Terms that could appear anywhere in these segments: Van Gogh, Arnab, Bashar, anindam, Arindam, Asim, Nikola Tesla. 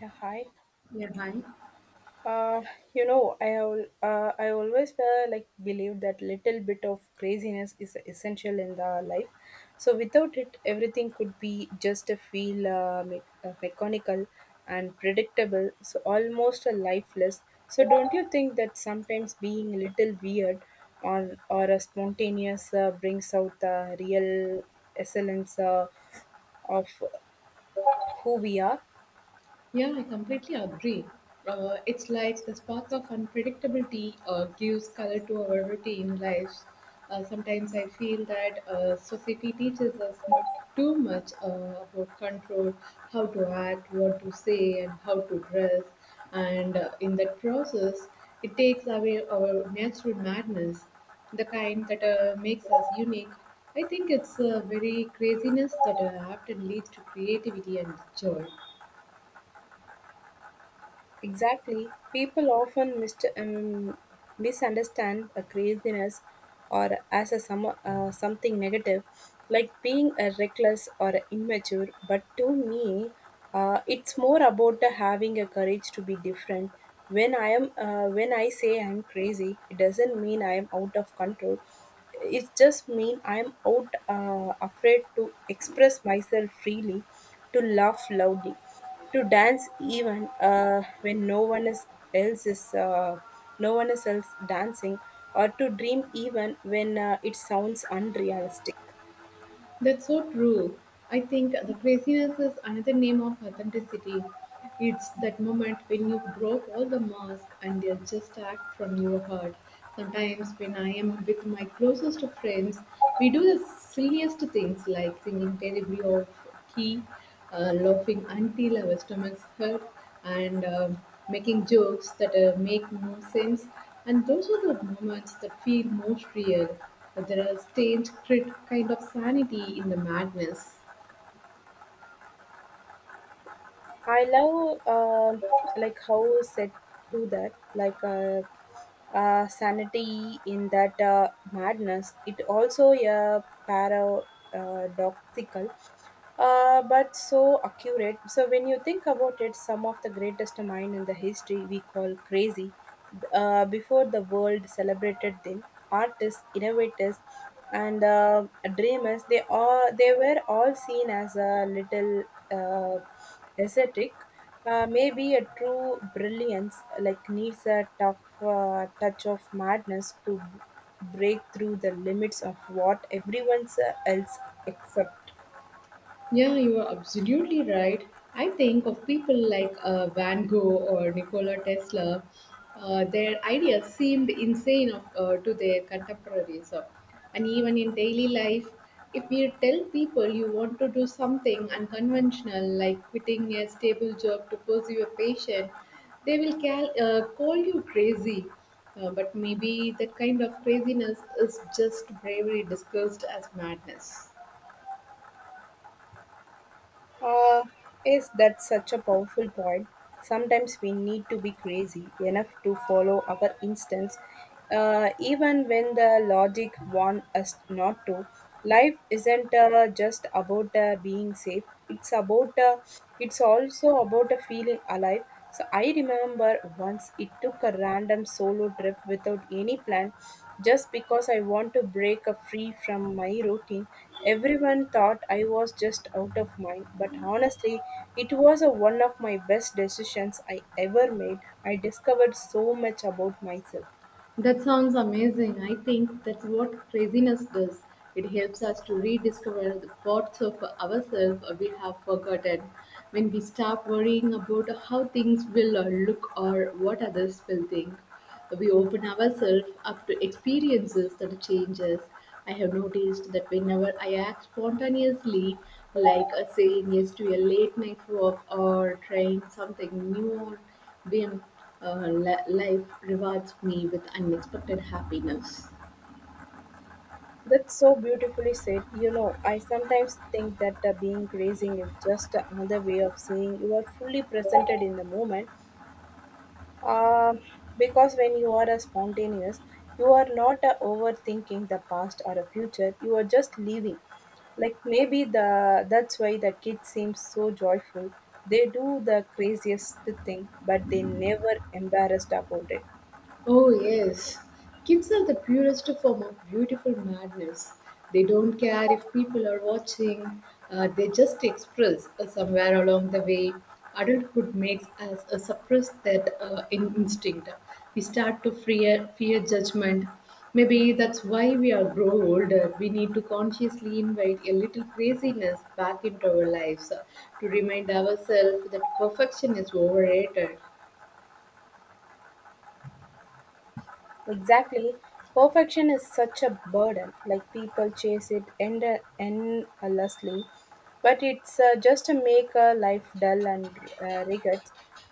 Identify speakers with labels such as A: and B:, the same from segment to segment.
A: Yeah, hi.
B: Yeah, hi.
A: Uh, you know, I always like believe that little bit of craziness is essential in the life. So without it, everything could be just a feel mechanical and predictable. So almost a lifeless. So don't you think that sometimes being a little weird or a spontaneous brings out the real essence of who we are?
B: Yeah, I completely agree. It's like the spark of unpredictability gives color to our routine lives. Sometimes I feel that society teaches us too much about control, how to act, what to say, and how to dress. And in that process, it takes away our natural madness, the kind that makes us unique. I think it's a very craziness that often leads to creativity and joy.
A: Exactly. People often misunderstand a craziness or as a some, something negative, like being a reckless or a immature. But to me, it's more about the having a courage to be different. When I say I'm crazy, it doesn't mean I am out of control, it just mean I'm out afraid to express myself freely, to laugh loudly, to dance even when no one is else is no one is else dancing, or to dream even when it sounds unrealistic.
B: That's so true. I think the craziness is another name of authenticity. It's that moment when you drop all the masks and you just act from your heart. Sometimes, when I am with my closest friends, we do the silliest things like singing terribly off tea, laughing until our stomachs hurt, and making jokes that make no sense. And those are the moments that feel most real. There is strange, kind of sanity in the madness.
A: I love like how said to that like sanity in that madness. It also a paradoxical, but so accurate. So when you think about it, some of the greatest mind in the history we call crazy, before the world celebrated them, artists, innovators, and dreamers, they were all seen as a little uh, ascetic. Maybe a true brilliance like needs a tough touch of madness to break through the limits of what everyone else accepts.
B: Yeah, you are absolutely right. I think of people like Van Gogh or Nikola Tesla, their ideas seemed insane of, to their contemporaries. And even in daily life, if you tell people you want to do something unconventional, like quitting a stable job to pursue a passion, they will call you crazy. But maybe that kind of craziness is just bravery disguised as madness.
A: Uh, is that such a powerful point? Sometimes we need to be crazy enough to follow our instincts, even when the logic wants us not to. Life isn't just about being safe; it's about it's also about feeling alive. So I remember once it took a random solo trip without any plan, just because I want to break a free from my routine. Everyone thought I was just out of mind, but honestly, it was a, one of my best decisions I ever made. I discovered so much about myself.
B: That sounds amazing. I think that's what craziness does. It helps us to rediscover the parts of ourselves we have forgotten. When we stop worrying about how things will look or what others will think, we open ourselves up to experiences that change us. I have noticed that whenever I act spontaneously, like saying yes to a late night walk or trying something new when life rewards me with unexpected happiness.
A: That's so beautifully said. You know, I sometimes think that being grazing is just another way of saying you are fully presented in the moment. Uh, because when you are a spontaneous, you are not overthinking the past or a future. You are just living. Like maybe the that's why the kids seem so joyful. They do the craziest thing, but they never embarrassed about it.
B: Oh, yes. Kids are the purest form of beautiful madness. They don't care if people are watching, they just express somewhere along the way. Adulthood makes us suppress that instinct. We start to fear judgment. Maybe that's why we are grow older. We need to consciously invite a little craziness back into our lives to remind ourselves that perfection is overrated.
A: Exactly. Perfection is such a burden. Like people chase it endlessly, but it's just to make life dull and rigid.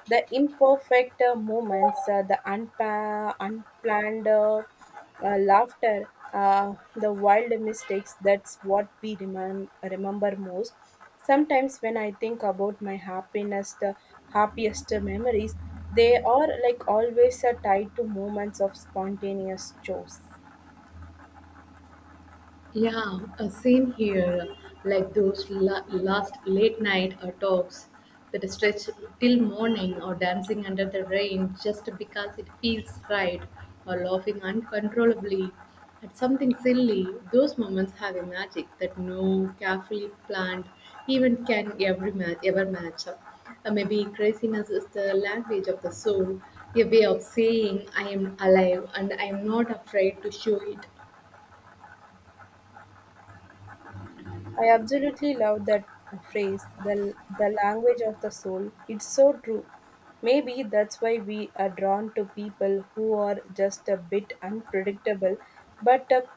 A: The imperfect moments, the unplanned laughter, the wild mistakes. That's what we remember most. Sometimes when I think about my happiness, the happiest memories, they are like always are tied to moments of spontaneous joys.
B: Yeah, same here. Like those last late night talks that stretch till morning, or dancing under the rain just because it feels right, or laughing uncontrollably at something silly. Those moments have a magic that no carefully planned even can every match. Ever match up. Maybe craziness is the language of the soul, a way of saying I am alive and I am not afraid to show it.
A: I absolutely love that phrase, the language of the soul. It's so true. Maybe that's why we are drawn to people who are just a bit unpredictable, but a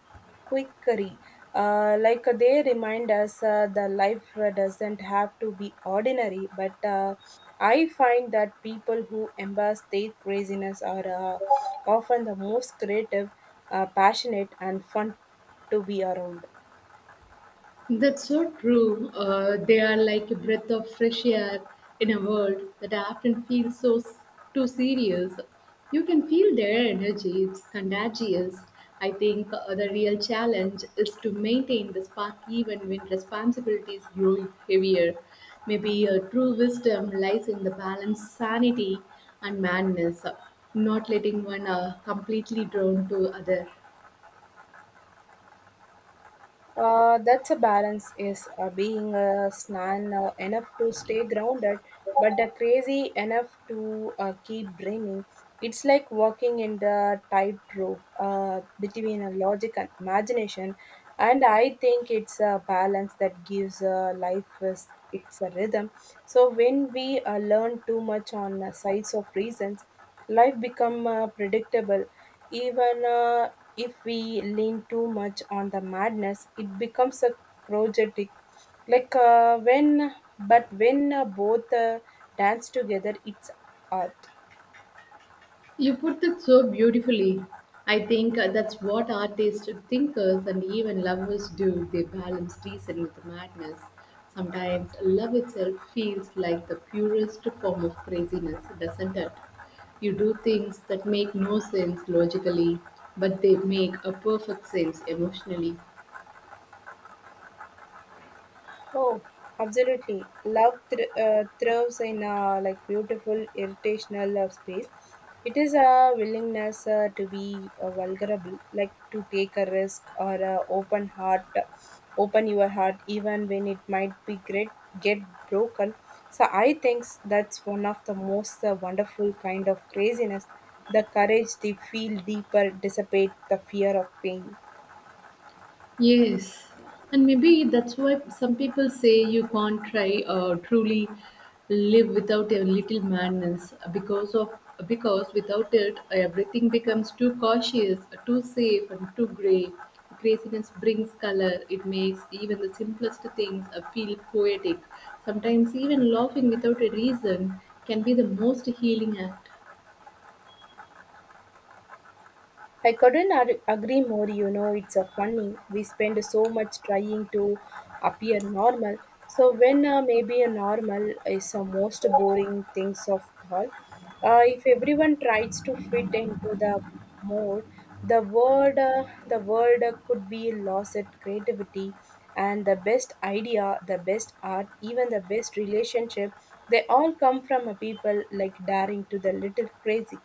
A: quickery. They remind us the life doesn't have to be ordinary, but I find that people who embrace their craziness are often the most creative, passionate, and fun to be around.
B: That's so true. They are like a breath of fresh air in a world that often feels too serious. You can feel their energy; it's contagious. I think the real challenge is to maintain the spark even when responsibilities grow heavier. Maybe a true wisdom lies in the balance, sanity, and madness, not letting one completely drown to other.
A: That's a balance is being a snan now enough to stay grounded, but the crazy enough to keep dreaming. It's like walking in the tightrope between a logic and imagination, and I think it's a balance that gives life is, it's a rhythm. So when we learn too much on sides of reasons, life become predictable, even if we lean too much on the madness, it becomes a projectic. But when both dance together, it's art.
B: You put it so beautifully. I think that's what artists, thinkers, and even lovers do. They balance reason with madness. Sometimes love itself feels like the purest form of craziness, doesn't it? You do things that make no sense logically, but they make a perfect sense emotionally.
A: Oh, absolutely. Love thrives in a like beautiful irritational space. It is a willingness to be vulnerable, like to take a risk or a open heart, open your heart even when it might be great get broken. So I think that's one of the most wonderful kind of craziness. The courage to feel deeper, dissipate the fear of pain.
B: Yes, and maybe that's why some people say you can't try truly live without a little madness because without it everything becomes too cautious, too safe, and too grey. The craziness brings color. It makes even the simplest things feel poetic. Sometimes even laughing without a reason can be the most healing act.
A: I couldn't agree more, you know, it's a funny. We spend so much trying to appear normal. So when maybe a normal is the most boring things of all, if everyone tries to fit into the mode, the world could be lost at creativity, and the best idea, the best art, even the best relationship, they all come from a people like daring to the little crazy.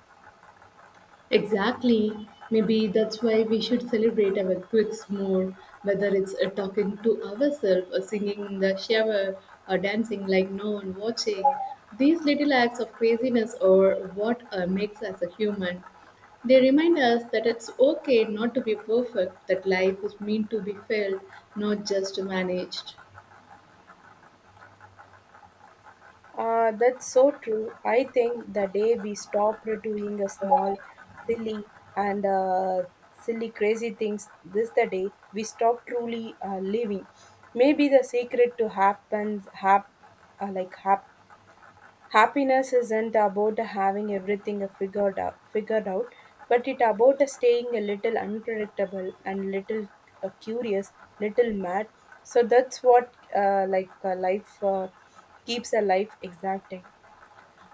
B: Exactly. Maybe that's why we should celebrate our quirks more, whether it's talking to ourselves, or singing in the shower, or dancing like no one watching. These little acts of craziness are what makes us a human. They remind us that it's okay not to be perfect, that life is meant to be felt, not just managed.
A: That's so true. I think the day we stop doing a small, silly, and silly, crazy things, this the day we stop truly living. Maybe the secret to happens hap, like hap, Happiness isn't about having everything figured out, but it about staying a little unpredictable and little curious, little mad. So that's what life keeps a life exacting.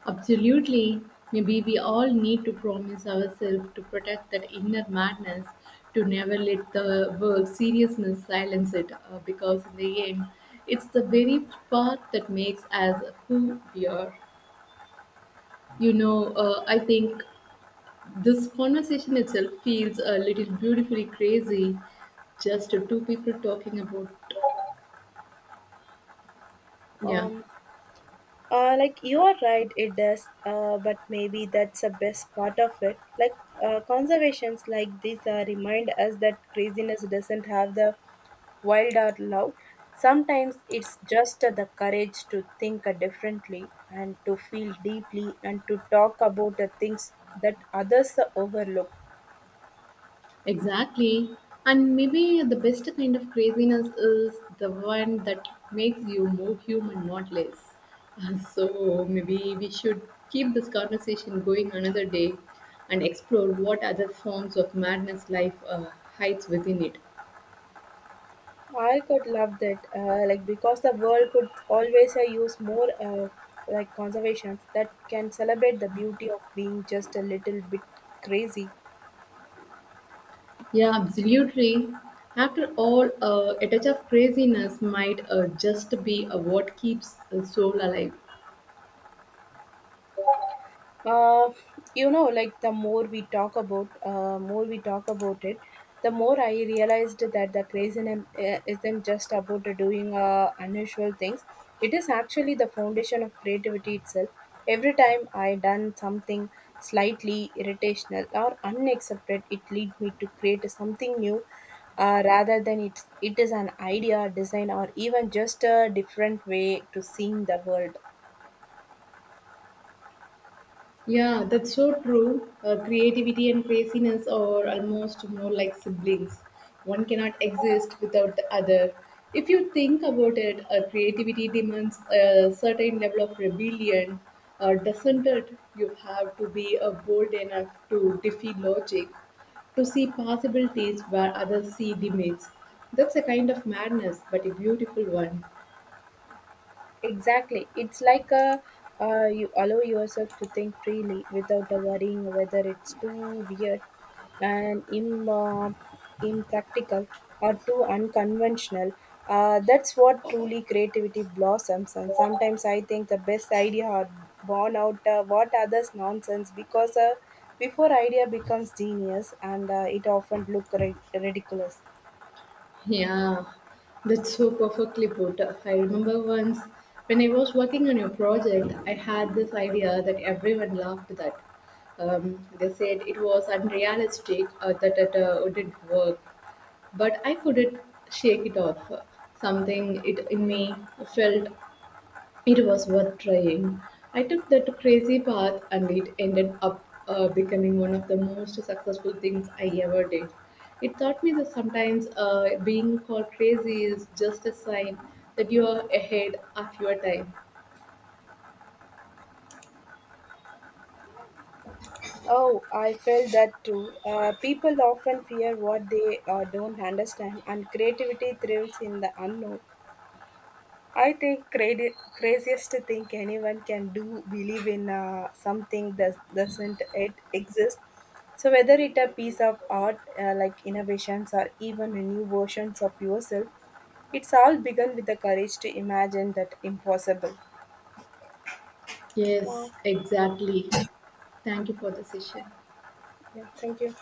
B: Absolutely. Maybe we all need to promise ourselves to protect that inner madness, to never let the world seriousness silence it, because in the end, it's the very part that makes us who we are. You know, I think this conversation itself feels a little beautifully crazy, just two people talking about, yeah.
A: Um, like you are right, it does. But maybe that's the best part of it. Like conservations like these remind us that craziness doesn't have the wild or loud. Sometimes it's just the courage to think differently and to feel deeply and to talk about the things that others overlook.
B: Exactly. And maybe the best kind of craziness is the one that makes you more human, not less. And So maybe we should keep this conversation going another day and explore what other forms of madness life hides within it.
A: I could love that, because the world could always use more conservations that can celebrate the beauty of being just a little bit crazy.
B: Yeah, absolutely. After all, a touch of craziness might just be what keeps the soul alive.
A: Uh, you know, like the more we talk about, more we talk about it, the more I realized that the craziness isn't just about doing unusual things. It is actually the foundation of creativity itself. Every time I done something slightly irritational or unaccepted, it lead me to create something new, rather than it is an idea, design, or even just a different way to seeing the world.
B: Yeah, that's so true. Creativity and craziness are almost more like siblings. One cannot exist without the other. If you think about it, creativity demands a certain level of rebellion, doesn't it? You have to be bold enough to defy logic, to see possibilities where others see limits. That's a kind of madness, but a beautiful one.
A: Exactly. It's like a you allow yourself to think freely without worrying whether it's too weird and impractical or too unconventional. That's what truly creativity blossoms. And sometimes I think the best idea are born out what others nonsense, because before idea becomes genius and it often look ridiculous.
B: Yeah, that's so perfectly put. I remember once when I was working on a project, I had this idea that everyone laughed at. They said it was unrealistic or that it wouldn't work, but I couldn't shake it off. Something it in me felt it was worth trying. I took that crazy path and it ended up becoming one of the most successful things I ever did. It taught me that sometimes being called crazy is just a sign that you are ahead of your time.
A: Oh, I felt that too. People often fear what they don't understand, and creativity thrives in the unknown. I think craziest thing anyone can do believe in something that doesn't it exist. So whether it a piece of art, innovations or even a new versions of yourself, it's all begun with the courage to imagine that impossible.
B: Yes,
A: Wow.
B: exactly. Thank you for the session.
A: Yeah. Thank you.